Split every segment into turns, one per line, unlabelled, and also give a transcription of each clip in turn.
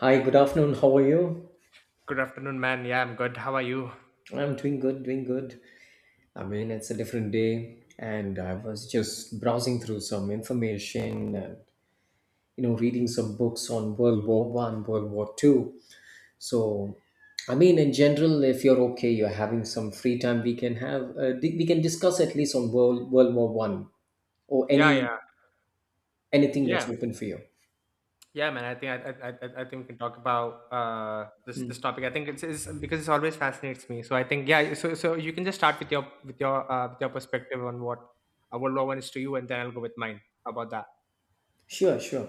Hi, good afternoon. How are you?
Good afternoon, man. Yeah, I'm good. How are you?
I'm doing good, doing good. I mean, it's a different day, and I was just browsing through some information and reading some books on World War One, World War Two. So, I mean, in general, if you're okay, you're having some free time, we can have we can discuss at least on World War One or
Yeah, yeah,
anything that's
yeah,
open for you.
yeah, man. I think I think we can talk about this topic. I think it's because it's always fascinates me. So I think yeah. So you can just start with your perspective on what law one is to you, and then I'll go with mine. How about that?
Sure, sure.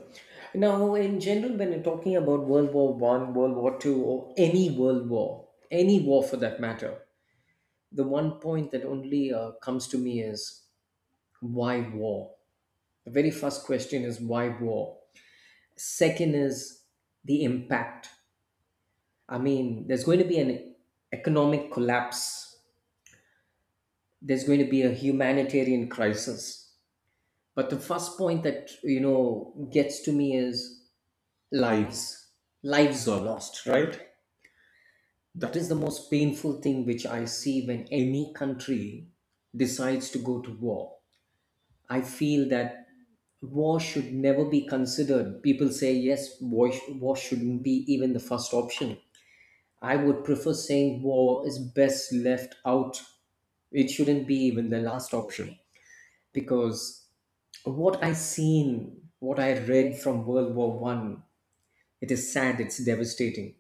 Now, in general, when you're talking about World War One, World War Two, or any world war, any war for that matter, the one point that only comes to me is why war. The very first question is why war. Second is the impact. I mean, there's going to be an economic collapse. There's going to be a humanitarian crisis. But the first point that gets to me is lives. Lives are lost, right? That is the most painful thing which I see when any country decides to go to war. I feel that war should never be considered. People say, yes, war shouldn't be even the first option. I would prefer saying war is best left out. It shouldn't be even the last option. Because what I seen, what I read from World War One, it is sad, it's devastating.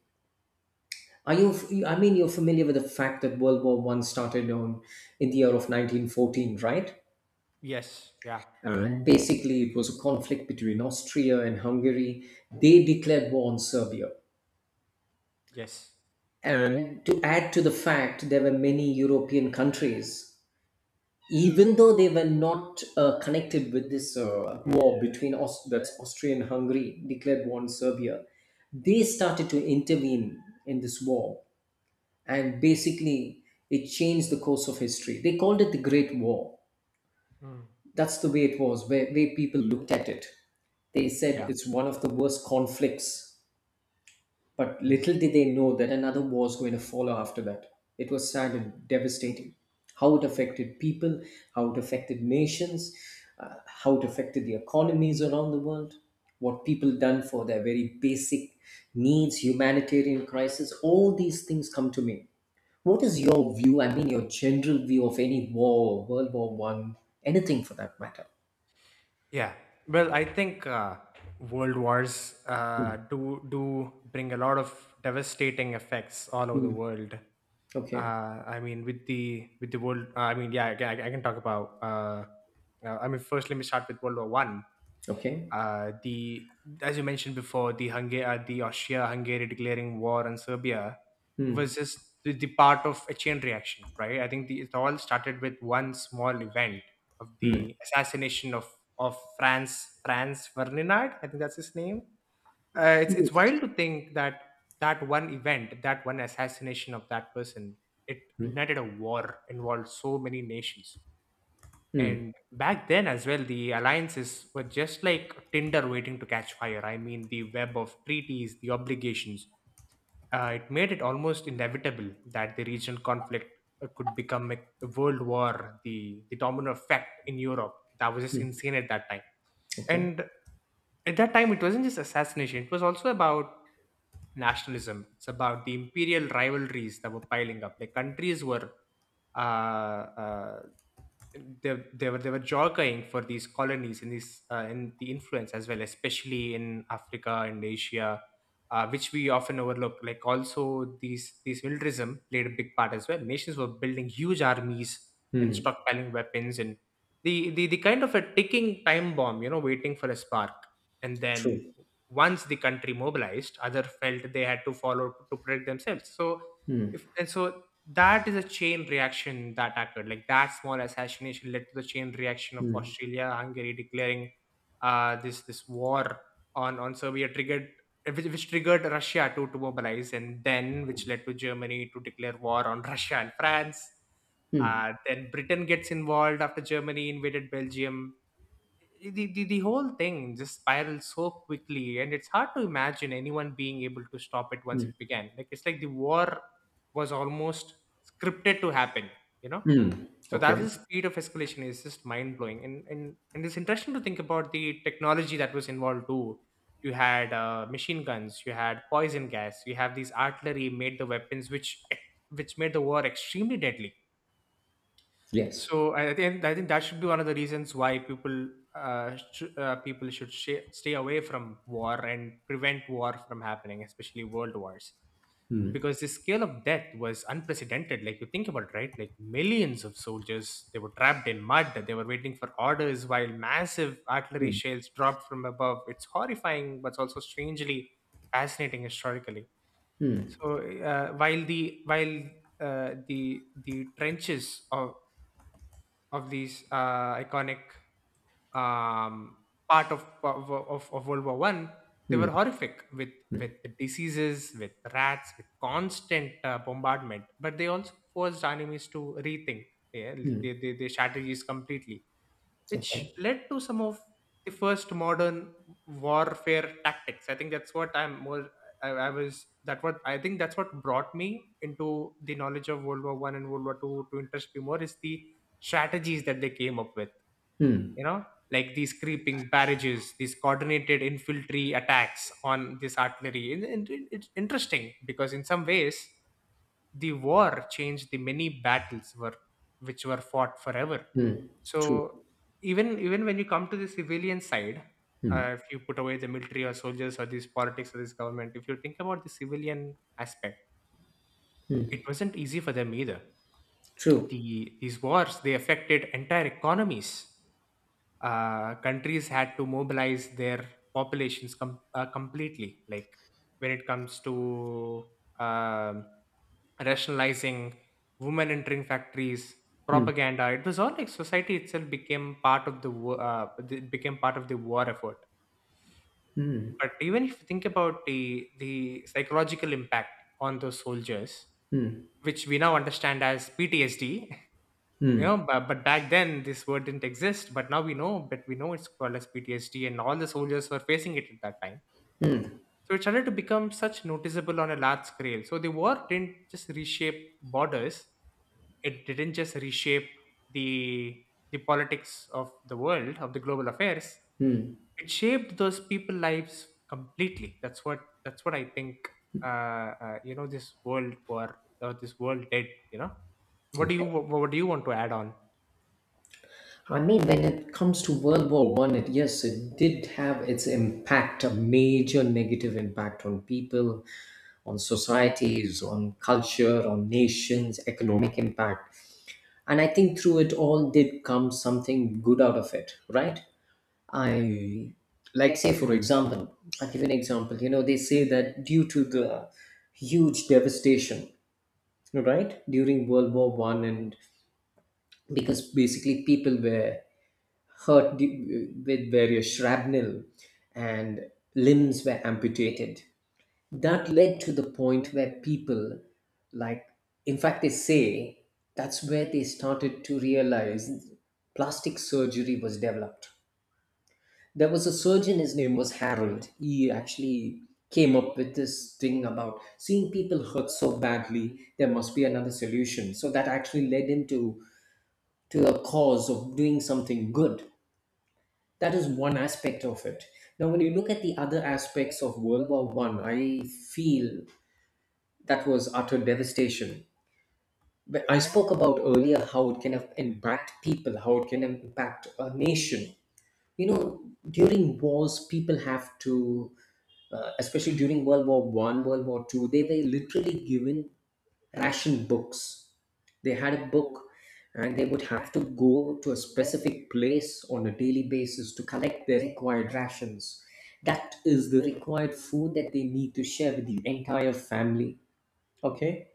Are you? I mean, you're familiar with the fact that World War One started on in the year of 1914, right?
Yes. Yeah.
And basically, it was a conflict between Austria and Hungary. They declared war on Serbia.
Yes.
And to add to the fact, there were many European countries, even though they were not connected with this war between that's Austria and Hungary, declared war on Serbia. They started to intervene in this war, and basically it changed the course of history. They called it the Great War.
Mm.
That's the way it was, where people looked at it. They said
Yeah.
it's one of the worst conflicts, but
Mm.
little did they know that another war was going to follow after that. It was sad and devastating. How it affected people, how it affected nations, how it affected the economies around the world, what people done for their very basic needs, humanitarian crisis, all these things come to me. What is your view? I mean, your general view of any war, World War One, anything for that matter.
Yeah. Well, I think world wars
Mm,
do bring a lot of devastating effects all over the
mm,
world.
okay.
Uh, I mean, with the world, I mean, yeah, I can talk about. I mean, first, let me start with World War One.
Okay.
The As you mentioned before, the Austria-Hungary declaring war on Serbia
Mm,
was just the part of a chain reaction, right? I think it all started with one small event of
mm.
the assassination of Franz Ferdinand. I think that's his name. It's
Yes.
wild to think that that one event, that one assassination of that person, it
Mm,
ignited a war involved so many nations.
mm,
And back then as well, the alliances were just like tinder waiting to catch fire. I mean, the web of treaties, the obligations. It made it almost inevitable that the regional conflict could become a world war, the domino effect in Europe. That was just
mm,
insane at that time.
okay.
And at that time, it wasn't just assassination; it was also about nationalism. It's about the imperial rivalries that were piling up. Like countries were uh, uh, they were jockeying for these colonies and the influence as well, especially in Africa and Asia, which we often overlook. Like also these militarism played a big part as well. Nations were building huge armies and
Mm,
stockpiling weapons and the kind of a ticking time bomb, you know, waiting for a spark. And then
true.
once the country mobilized, other felt they had to follow to protect themselves. So
Mm,
if and so that is a chain reaction that occurred. Like that small assassination led to the chain reaction of
mm,
Australia, Hungary declaring this war on Serbia triggered, which triggered Russia to mobilize, and then which led to Germany to declare war on Russia and France.
mm,
Then Britain gets involved after Germany invaded Belgium. The the whole thing just spirals so quickly, and it's hard to imagine anyone being able to stop it once it began. Like it's like the war was almost scripted to happen, you know.
mm,
So that
okay.
was the speed of escalation is just mind blowing. And and it's interesting to think about the technology that was involved too. You had machine guns, you had poison gas, you have these artillery made the weapons which made the war extremely deadly.
Yes.
So I think that should be one of the reasons why people should stay away from war and prevent war from happening, especially world wars,
Mm,
because the scale of death was unprecedented. Like you think about it, right? Like millions of soldiers, they were trapped in mud. They were waiting for orders while massive artillery
mm,
shells dropped from above. It's horrifying, but also strangely fascinating historically. So while the trenches of these iconic um, part of World War One, they
mm,
were horrific with the diseases, with rats, with constant bombardment. But they also forced our enemies to rethink, yeah,
mm,
their strategies completely,
okay.
which led to some of the first modern warfare tactics. I think that's what I'm more. I was that what I think That's what brought me into the knowledge of World War One and World War Two. To interest me more is the strategies that they came up with.
Mm,
You know, like these creeping barrages, these coordinated infantry attacks on this artillery. And it's interesting because in some ways the war changed the many battles were which were fought forever.
mm, true.
So even even when you come to the civilian side,
Mm,
if you put away the military or soldiers or this politics or this government, if you think about the civilian aspect, it wasn't easy for them either.
true.
The these wars they affected entire economies. Countries had to mobilize their populations completely. Like when it comes to um rationalizing, women entering factories,
Mm,
propaganda, it was all like society itself became part of the it became part of the war effort. But even if you think about the psychological impact on those soldiers,
mm,
which we now understand as PTSD. You know,
mm,
but back then this word didn't exist, but now we know. But we know it's called as PTSD, and all the soldiers were facing it at that time. So it started to become such noticeable on a large scale. So the war didn't just reshape borders, it didn't just reshape the the politics of the world, of the global affairs, it shaped those people lives completely. That's what that's what I think uh, you know, this world war or this world did, you know.
mm,
What do you want to add on?
I mean, when it comes to World War One, it yes, it did have its impact, a major negative impact on people, on societies, on culture, on nations, economic impact. And I think through it all did come something good out of it, right? I like say for example, I'll give an example. You know, they say that due to the huge devastation, right, during World War One, and because basically people were with various shrapnel and limbs were amputated. That led to the point where people, like, in fact, they say that's where they started to realize plastic surgery was developed. There was a surgeon, his name was Harold. He actually came up with this thing about seeing people hurt so badly, there must be another solution. So that actually led him to a cause of doing something good. That is one aspect of it. Now, when you look at the other aspects of World War One, feel that was utter devastation. But I spoke about earlier how it can have impact people, how it can impact a nation. You know, during wars, especially during World War One, World War Two, they were literally given ration books. They had a book, and they would have to go to a specific place on a daily basis to collect their required rations. That is the required food that they need to share with the entire family, okay,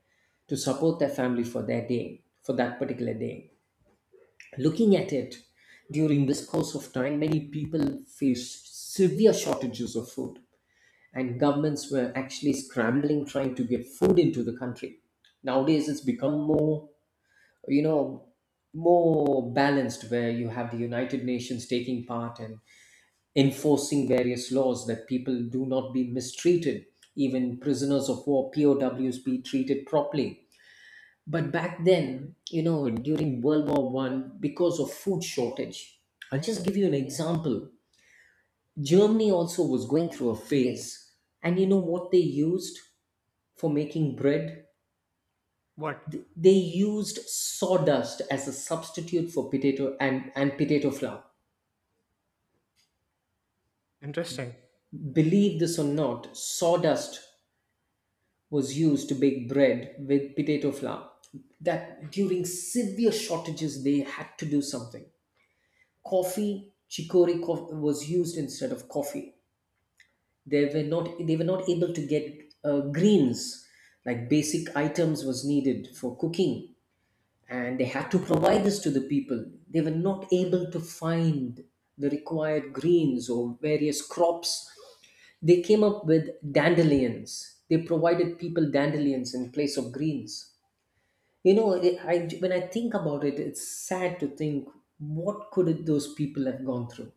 to support their family for their day, for that particular day. Looking at it, during this course of time, many people faced severe shortages of food, and governments were actually scrambling trying to get food into the country. Nowadays, it's become more, you know more balanced, where you have the united nations taking part and enforcing various laws that people do not be mistreated, even prisoners of war POWs be treated properly. But back then, you know, during world war 1, because of food shortage, I'll just give you an example. Germany also was going through a phase, and you know what they used for making bread?
What?
They used sawdust as a substitute for potato, and potato flour.
Interesting.
Believe this or not, sawdust was used to bake bread with potato flour. That during severe shortages, they had to do something. Coffee, was used instead of coffee. They were not able to get greens, like basic items was needed for cooking, and they had to provide this to the people. They were not able to find the required greens or various crops. They came up with dandelions. They provided people dandelions in place of greens. You know, when I think about it, it's sad to think, what could those people have gone through?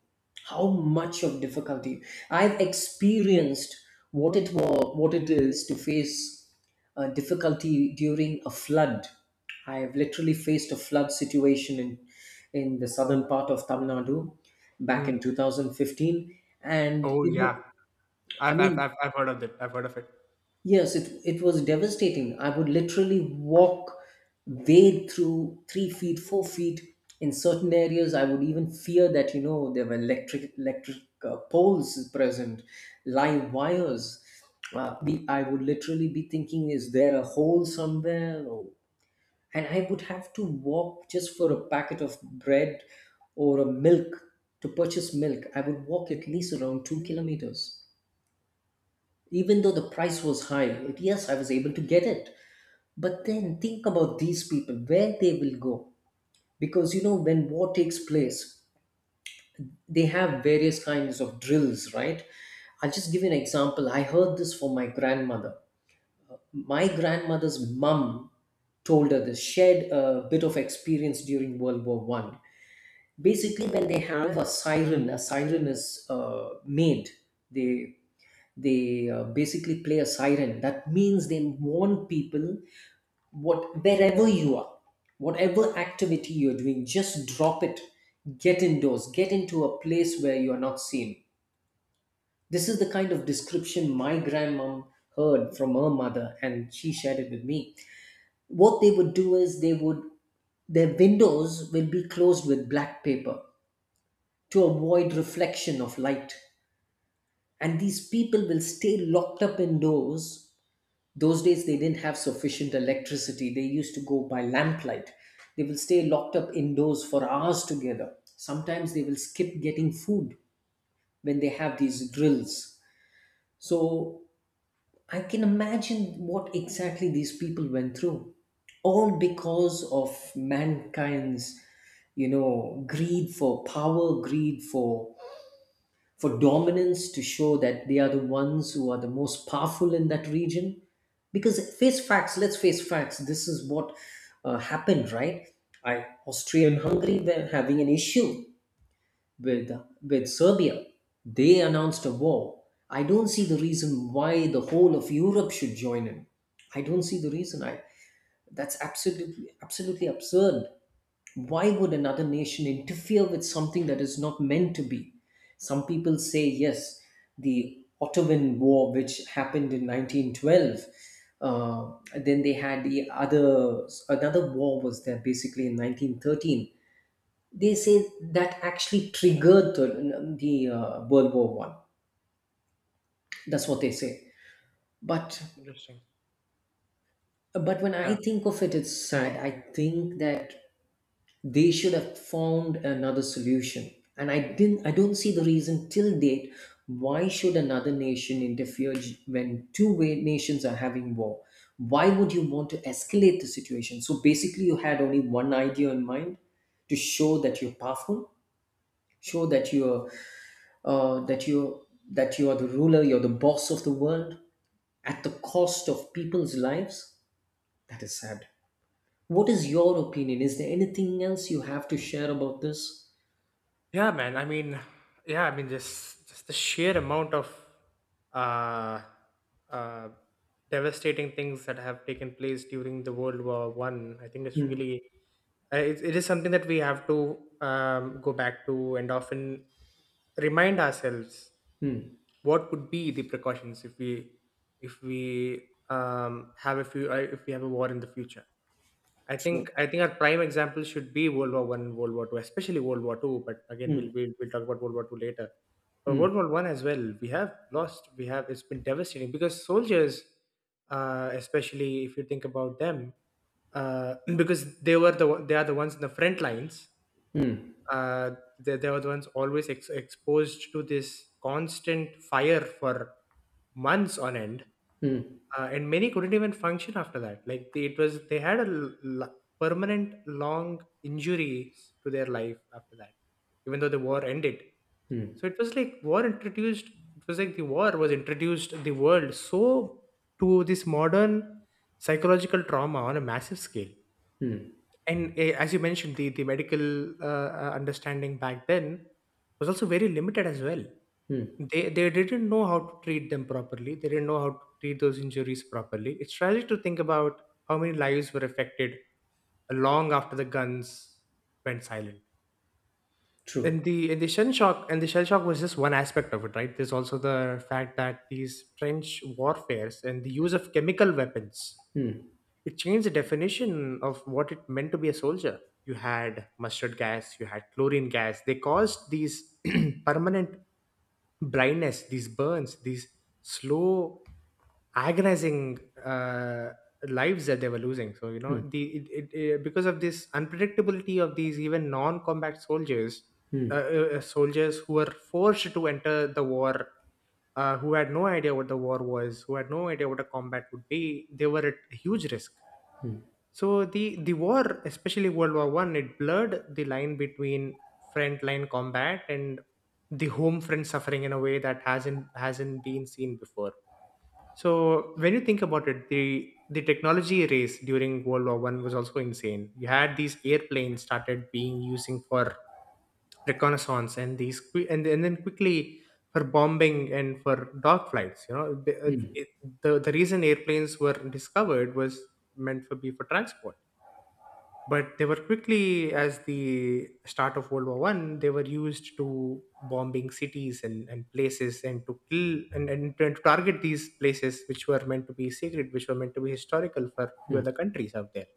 How much of difficulty I've experienced, what it was, what it is to face difficulty during a flood. I have literally faced a flood situation in the southern part of Tamil Nadu back
Mm.
in 2015, and
Oh
you know,
yeah,
I mean,
I've heard of it. I've heard of it.
yes, it was devastating. I would literally wade through 3 feet, 4 feet. In certain areas, I would even fear that, you know, there were electric poles present, live wires. I would literally be thinking, is there a hole somewhere? Or, and I would have to walk just for a packet of bread or a milk, to purchase milk. I would walk at least around 2 kilometers. Even though the price was high, yes, I was able to get it. But then think about these people, where they will go? Because you know, when war takes place, they have various kinds of drills, right? I'll just give you an example. I heard this from my grandmother. My grandmother's mum told her this, shared a bit of experience during world war one. Basically, when they have a siren, a siren is made, they they basically play a siren. That means they warn people, what wherever you are, whatever activity you're doing, just drop it, get indoors, get into a place where you are not seen. This is the kind of description my grandmom heard from her mother, and she shared it with me. What they would do is, they would, their windows will be closed with black paper to avoid reflection of light, and these people will stay locked up indoors. Those days, they didn't have sufficient electricity, they used to go by lamplight. They will stay locked up indoors for hours together, sometimes they will skip getting food when they have these drills. So I can imagine what exactly these people went through, all because of mankind's, you know, greed for power, greed for dominance, to show that they are the ones who are the most powerful in that region. Because face facts let's face facts, this is what happened, right? I Austria and Hungary were having an issue with Serbia. They announced a war. I don't see the reason why the whole of Europe should join in. I don't see the reason I That's absolutely, absolutely absurd. Why would another nation interfere with something that is not meant to be? Some people say, yes, the Ottoman War, which happened in 1912, then they had another war was there basically in 1913. They say that actually triggered the World War One. That's what they say. But
Interesting.
but when I
Yeah.
think of it, it's sad. I think that they should have found another solution, and I don't see the reason till date, why should another nation interfere, when two nations are having war? Why would you want to escalate the situation? So basically, you had only one idea in mind, to show that you're powerful, show that you're, uh, that you're that you are the ruler, you're the boss of the world, at the cost of people's lives. That is sad. What is your opinion? Is there anything else you have to share about this?
Yeah, man. I mean, yeah, I mean, just the sheer amount of uh, uh, devastating things that have taken place during the World War One. I think it's
Hmm.
really it is something that we have to go back to and often remind ourselves
Mm.
what could be the precautions if we have a few if we have a war in the future.
True.
I think our prime example should be World War One, World War Two, especially World War Two. But again,
Mm.
we'll talk about World War Two later. But
Mm.
World War One as well, we have lost. We have it's been devastating because soldiers, especially if you think about them, because they are the ones in the front lines.
Mm.
Uh, they were the ones always exposed to this constant fire for months on end.
Mm.
And many couldn't even function after that. Like they had permanent long injuries to their life after that, even though the war ended.
Mm.
So it was like war introduced. It was like the war was introduced the world so to this modern psychological trauma on a massive scale.
Mm.
And as you mentioned, the medical understanding back then was also very limited as well.
Mm.
They didn't know how to treat them properly. They didn't know how to treat those injuries properly. It's tragic to think about how many lives were affected long after the guns went silent.
True.
And the shell shock, was just one aspect of it, right? There's also the fact that these trench warfares and the use of chemical weapons,
Mm.
it changed the definition of what it meant to be a soldier. You had mustard gas, you had chlorine gas. They caused these permanent blindness, these burns, these slow, agonizing uh, lives that they were losing. So you know,
Mm.
the it, it, it- because of this unpredictability of these even non-combat soldiers,
Mm.
soldiers who were forced to enter the war, who had no idea what the war was, who had no idea what a combat would be, they were at a huge risk. So the war, especially World War One, it blurred the line between front line combat and the home front suffering in a way that hasn't been seen before. So when you think about it, the technology race during World War One was also insane. You had these airplanes started being using for reconnaissance and and then quickly for bombing and for dog flights, you know. The reason airplanes were discovered was meant for be for transport, but they were quickly as the start of world war one, they were used to bombing cities and places and to kill and to target these places which were meant to be sacred, which were meant to be historical for few
Mm.
other countries out there.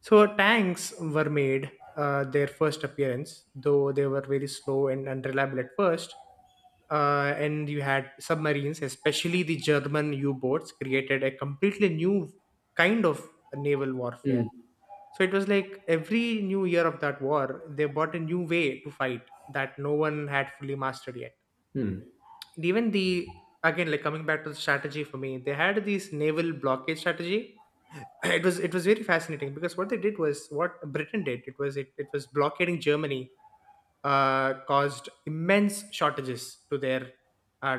So tanks were made their first appearance, though they were very slow and unreliable at first. And you had submarines, especially the German U-boats, created a completely new kind of naval warfare.
Mm.
So it was like every new year of that war, they bought a new way to fight that no one had fully mastered yet.
Mm.
And even, the again like coming back to the strategy for me, they had this naval blockade strategy. It was very fascinating because what they did was, what Britain did, it was, it was blockading Germany. Caused immense shortages to their uh,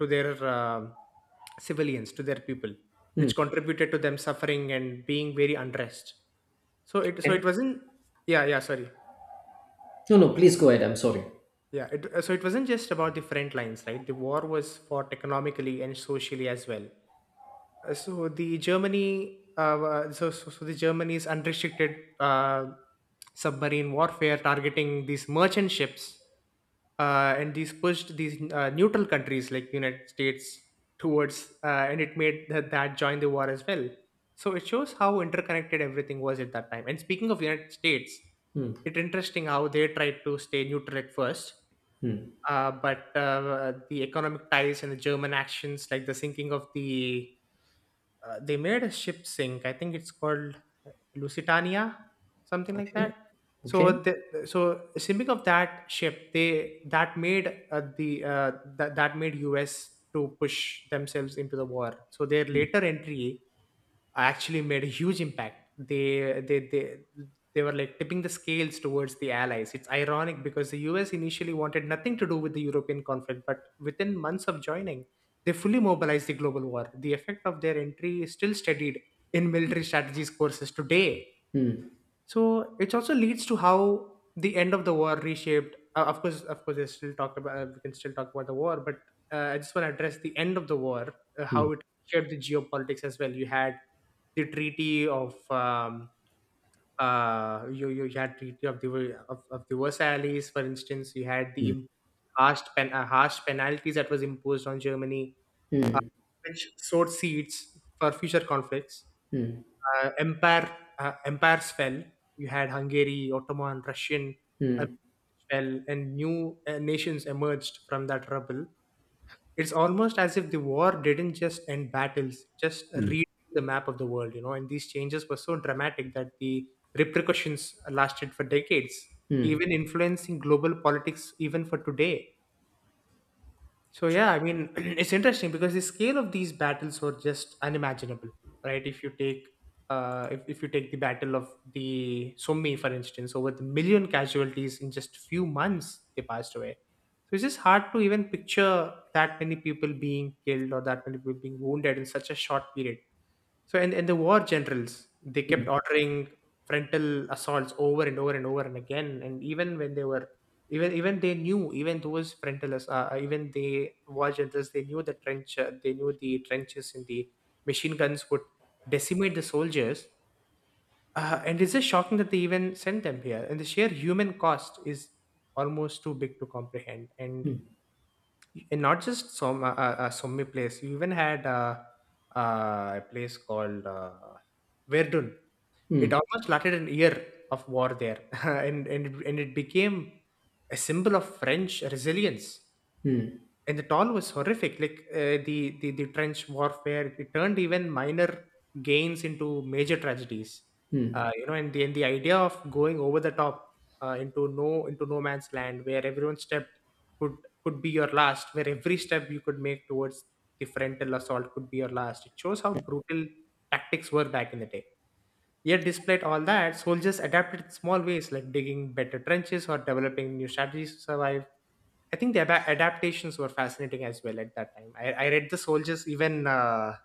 to their civilians, to their people, which
Mm.
contributed to them suffering and being very unrest. So it
Okay.
wasn't yeah yeah, sorry.
No, no, please go ahead. I'm sorry.
So it wasn't just about the front lines, right? The war was fought economically and socially as well. So the Germany, wa- so, so so the Germany's unrestricted uh, submarine warfare targeting these merchant ships, and these pushed these neutral countries like United States towards, and it made that join the war as well. So it shows how interconnected everything was at that time. And speaking of United States,
Mm.
it's interesting how they tried to stay neutral at first,
Mm.
but the economic ties and the German actions, like the sinking of the they made a ship sink, I think it's called Lusitania, something like that.
Okay. Okay.
So the so sinking of that ship, they that made the that that made US to push themselves into the war. So their later entry actually made a huge impact. They were like tipping the scales towards the Allies. It's ironic because the US initially wanted nothing to do with the European conflict, but within months of joining, they fully mobilized the global war. The effect of their entry is still studied in military strategies courses today.
Mm.
So it also leads to how the end of the war reshaped. Of course, there's still talk about, we can still talk about the war, but I just want to address the end of the war,
Mm.
how it shaped the geopolitics as well. You had the treaty of you you had treaty of the Versailles, for instance. You had the
Mm.
harsh penalties that was imposed on Germany, uh, which sowed seeds for future conflicts.
Mm.
Uh, empire Empires fell. You had Hungary, Ottoman, Russian uh,
Mm.
fell, and new nations emerged from that rubble. It's almost as if the war didn't just end battles, just read the map of the world, you know, and these changes were so dramatic that the repercussions lasted for decades,
Mm.
even influencing global politics even for today. So yeah, I mean, it's interesting because the scale of these battles were just unimaginable, right? If, you take the battle of the Somme, for instance, over the million casualties in just few months, they passed away. So it's just hard to even picture that many people being killed or that many people being wounded in such a short period. So and the war generals, they kept ordering frontal assaults over and over and over and again. And even when they were, even even they knew even those frontalists even they war generals, they knew the trench they knew the trenches and the machine guns would decimate the soldiers, and it's just shocking that they even sent them here, and the sheer human cost is almost too big to comprehend. And not just some Somme place, you even had a place called Verdun. It
Mm.
almost lasted an year of war there, and it became a symbol of French resilience.
Mm.
And the toll was horrific. Like, the trench warfare, it turned even minor gains into major tragedies.
Mm.
You know, and the idea of going over the top, into no man's land, where every step could could be your last, where every step you could make towards the frontal assault could be your last. It shows how brutal tactics were back in the day. Yet, despite all that, soldiers adapted in small ways, like digging better trenches or developing new strategies to survive. I think the adaptations were fascinating as well at that time. I read the soldiers even.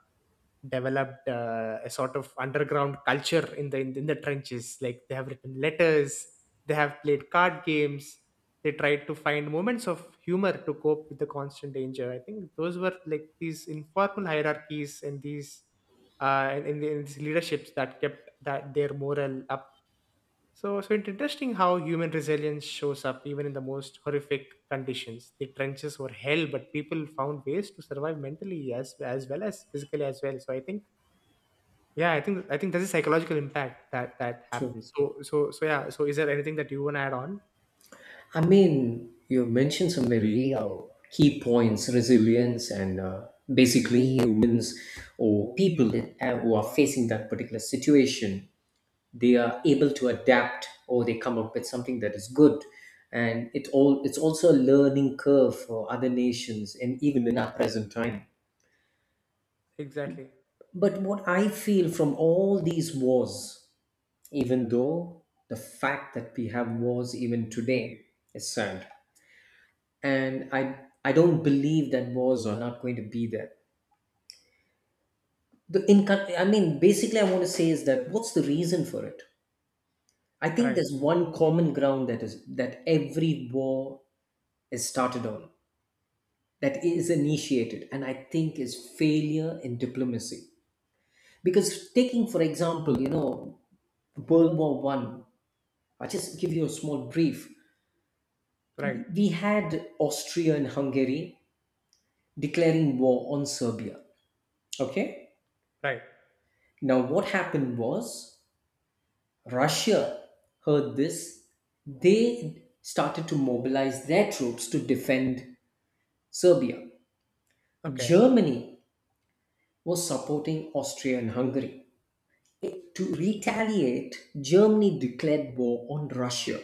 Developed a sort of underground culture in the in the trenches, like they have written letters, they have played card games, they tried to find moments of humor to cope with the constant danger. I think those were like these informal hierarchies and these and these leaderships that kept that their morale up. So it's interesting how human resilience shows up even in the most horrific conditions. The trenches were hell, but people found ways to survive mentally as well as physically as well. So I think, yeah, I think there's a psychological impact that
True.
happens. So yeah. So is there anything that you want to add on?
I mean, you mentioned some very key points, resilience and basically humans or who are facing that particular situation. They are able to adapt or they come up with something that is good, and it's also a learning curve for other nations and even in our present time.
Exactly.
But what I feel from all these wars, even though the fact that we have wars even today is sad, and I don't believe that wars are not going to be there. I mean, basically, I want to say is, that what's the reason for it? I think
Right.
there's one common ground, that is that every war is started on, that is initiated, and I think is failure in diplomacy. Because taking, for example, you know, World War One, I'll just give you a small brief.
Right.
We had Austria and Hungary declaring war on Serbia. Okay?
Right.
Now what happened was, Russia heard this, they started to mobilize their troops to defend Serbia.
Okay.
Germany was supporting Austria and Hungary. To retaliate, Germany declared war on Russia.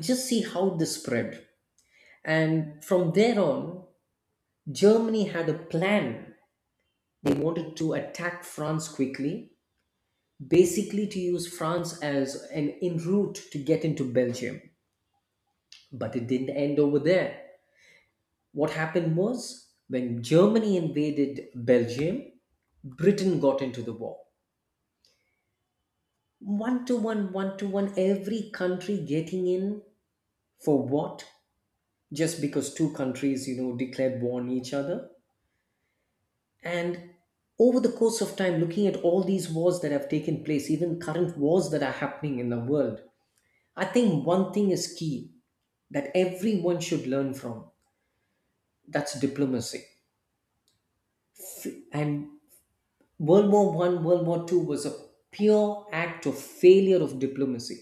Just see how this spread. And from there on, Germany had a plan. They wanted to attack France quickly, basically to use France as an en route to get into Belgium. But it didn't end over there. What happened was, when Germany invaded Belgium, Britain got into the war. One to one, every country getting in for what? Just because two countries, you know, declared war on each other. And over the course of time, looking at all these wars that have taken place, even current wars that are happening in the world, I think one thing is key that everyone should learn from. That's diplomacy. And world war 1, world war 2 was a pure act of failure of diplomacy.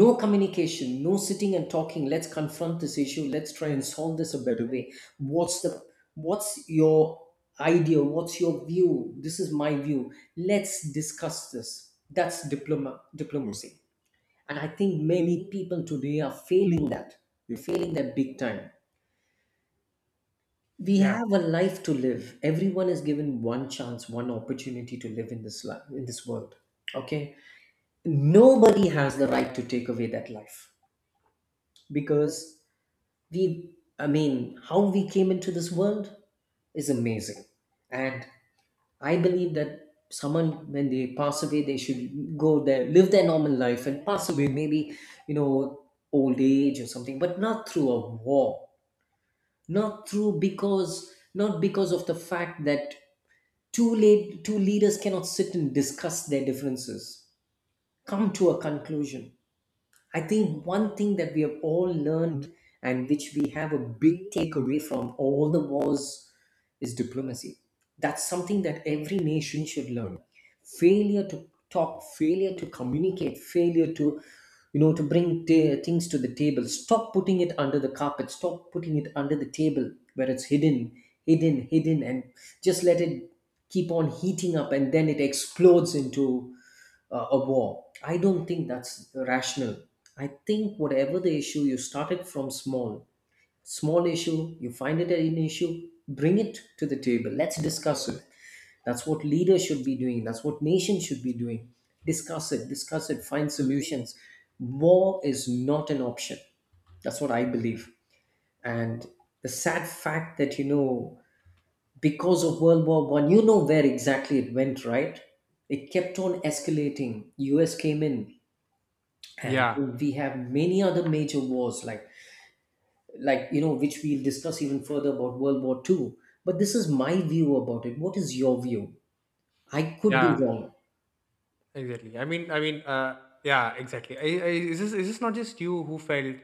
No communication, no sitting and talking. Let's confront this issue, let's try and solve this a better way. what's the what's your idea, what's your view? This is my view, let's discuss this. That's diplomacy. And I think many people today are failing that. They're failing that big time. We
Yeah.
have a life to live. Everyone is given one chance, one opportunity to live in this life, in this world. Okay? Nobody has the right to take away that life. Because we I mean, how we came into this world is amazing. And I believe that someone, when they pass away, they should go there, live their normal life and pass away maybe, you know, old age or something, but not through a war. Not through, because not because of the fact that two leaders cannot sit and discuss their differences, come to a conclusion. I think one thing that we have all learned, and which we have a big takeaway from all the wars, is diplomacy. That's something that every nation should learn. Failure to talk, failure to communicate, failure to, you know, to things to the table. Stop putting it under the carpet. Stop putting it under the table where it's hidden, hidden, hidden, and just let it keep on heating up, and then it explodes into a war. I don't think that's rational. I think whatever the issue, you start it from small. Small issue, you find it an issue, bring it to the table. Let's discuss it. That's what leaders should be doing. That's what nations should be doing. Discuss it, find solutions. War is not an option. That's what I believe. And the sad fact that, you know, because of World War One, you know where exactly it went, right? It kept on escalating. US came in, and
Yeah.
we have many other major wars like, you know, which we'll discuss even further about world war Two. But this is my view about it. What is your view? I could be
Yeah.
wrong.
Exactly. I mean, yeah, exactly. Is this not just you who felt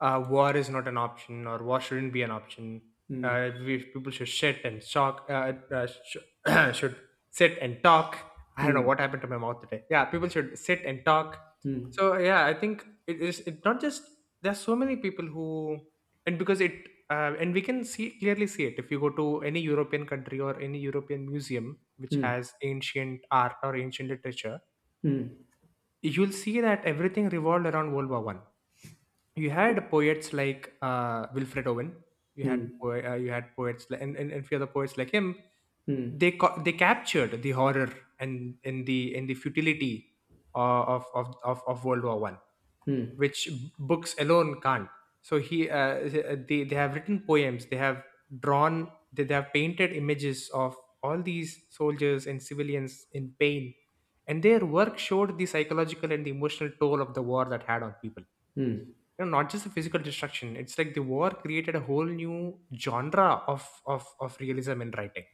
war is not an option or war shouldn't be an option?
Mm,
People should sit and talk. Should sit and talk. I don't know
mm,
what happened to my mouth today. Yeah, people should sit and talk.
mm,
So yeah, I think it is. It not just there's so many people who, and because it and we can see, clearly see it, if you go to any European country or any European museum which
mm,
has ancient art or ancient literature,
mm,
you'll see that everything revolved around World War One. You had poets like Wilfred Owen. You had you had poets li- and few other poets like him.
mm, mm,
They captured the horror and in the futility of World War One,
mm,
which books alone can't. so he uh, they have written poems, they have drawn, they have painted images of all these soldiers and civilians in pain, and their work showed the psychological and the emotional toll of the war that had on people,
mm.
you know, not just the physical destruction. It's like the war created a whole new genre of realism in writing,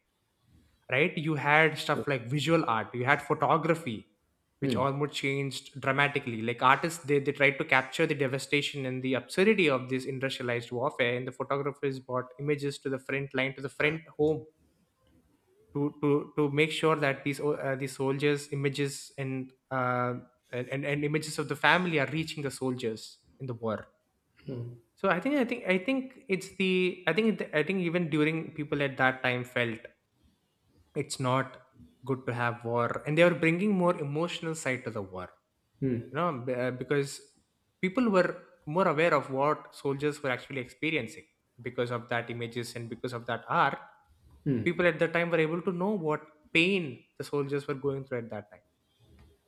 right? You had stuff
True.
like visual art, you had photography, which
Mm,
almost changed dramatically. Like artists, they tried to capture the devastation and the absurdity of this industrialized warfare, and the photographers brought images to the front line, to the front home, to make sure that these, these soldiers images, and images of the family are reaching the soldiers in the war. So I think it's the, I think even during, people at that time felt it's not good to have war, and they were bringing more emotional side to the war, you
mm,
know, because people were more aware of what soldiers were actually experiencing. Because of that images and because of that art,
mm,
people at the time were able to know what pain the soldiers were going through at that time,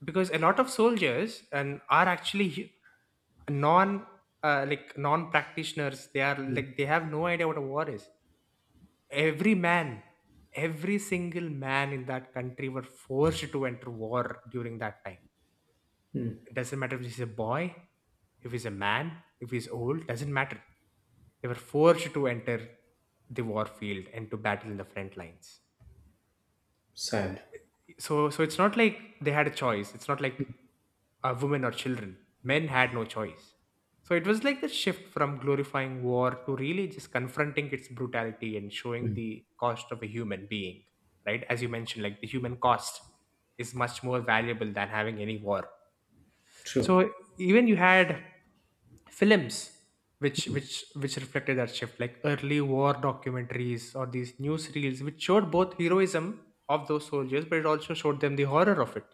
because a lot of soldiers and are actually hu- non like non practitioners. They are like they have no idea what a war is. Every man, every single man in that country were forced to enter war during that time.
mm.
It doesn't matter if he's a boy, if he's a man, if he's old, doesn't matter. They were forced to enter the war field and to battle in the front lines.
Sad.
So it's not like they had a choice. It's not like, women or children. Men had no choice. So it was like the shift from glorifying war to really just confronting its brutality and showing the cost of a human being, right? As you mentioned, like the human cost is much more valuable than having any war.
True.
So even you had films which reflected that shift, like early war documentaries or these newsreels which showed both heroism of those soldiers, but it also showed them the horror of it,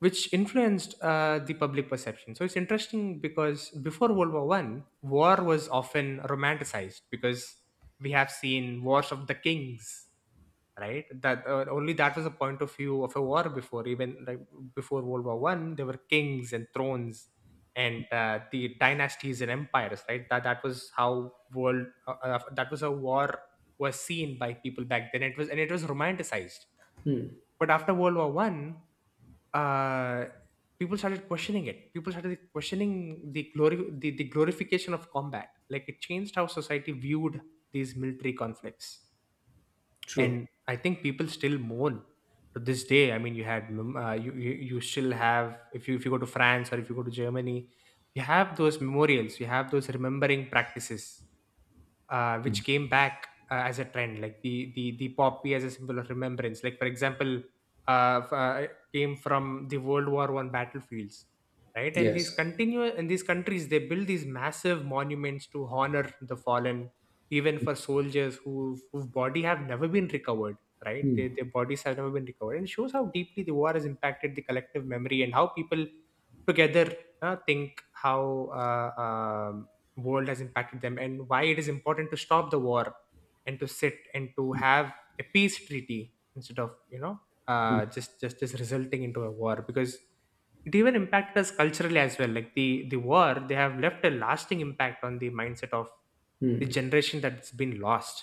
which influenced the public perception. So it's interesting because before World War One, war was often romanticized, because we have seen wars of the kings, right? That only that was a point of view of a war before. Even like before World War One, there were kings and thrones, and the dynasties and empires, right? That was how world that was how war was seen by people back then. It was, and it was romanticized. But after World War One, uh, people started questioning it, people started questioning the glory, the glorification of combat. Like it changed how society viewed these military conflicts.
True.
And I think people still mourn to this day. I mean, you had you still have, if you go to France or if you go to Germany, you have those memorials, you have those remembering practices, which came back as a trend, like the poppy as a symbol of remembrance. Like for example, uh, f- uh, came from the World War One battlefields, right? And these
Yes.
continue, and these countries they build these massive monuments to honor the fallen, even for soldiers who whose body have never been recovered. Right,
Mm,
their bodies have never been recovered, and shows how deeply the war has impacted the collective memory, and how people together think how world has impacted them and why it is important to stop the war and to sit and to have a peace treaty instead of, you know, just resulting into a war. Because it even impacted us culturally as well, like the war, they have left a lasting impact on the mindset of the generation that's been lost,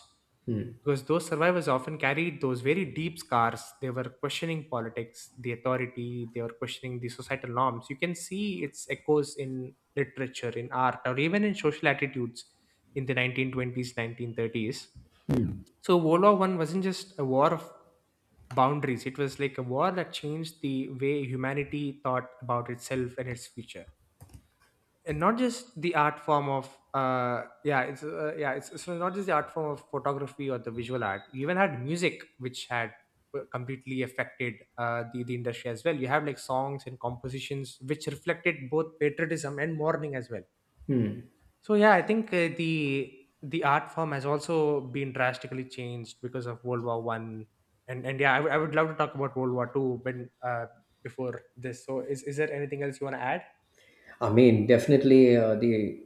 mm,
because those survivors often carried those very deep scars. They were questioning politics, the authority, they were questioning the societal norms. You can see its echoes in literature, in art, or even in social attitudes in the 1920s, 1930s. So, World War One wasn't just a war of boundaries, it was like a war that changed the way humanity thought about itself and its future. And not just the art form of, yeah, it's so not just the art form of photography or the visual art. You even had music, which had were completely affected, the industry as well. You have like songs and compositions which reflected both patriotism and mourning as well.
mm.
So yeah, I think the art form has also been drastically changed because of World War One, and yeah, I would love to talk about World War Two, but uh, before this, so is there anything else you want to add?
I mean, definitely, the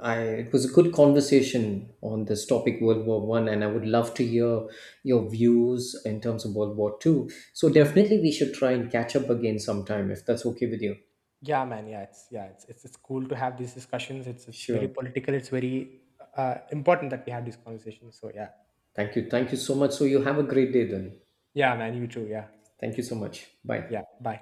I it was a good conversation on this topic, World War One, and I would love to hear your views in terms of World War Two. So definitely, we should try and catch up again sometime if that's okay with you.
Yeah, man. Yeah, it's, it's cool to have these discussions. It's very
Sure.
political. It's very important that we have these conversations. So yeah,
Thank you. Thank you so much. So you have a great day then.
yeah, man. You too. Yeah,
Thank you so much. Bye.
yeah. Bye.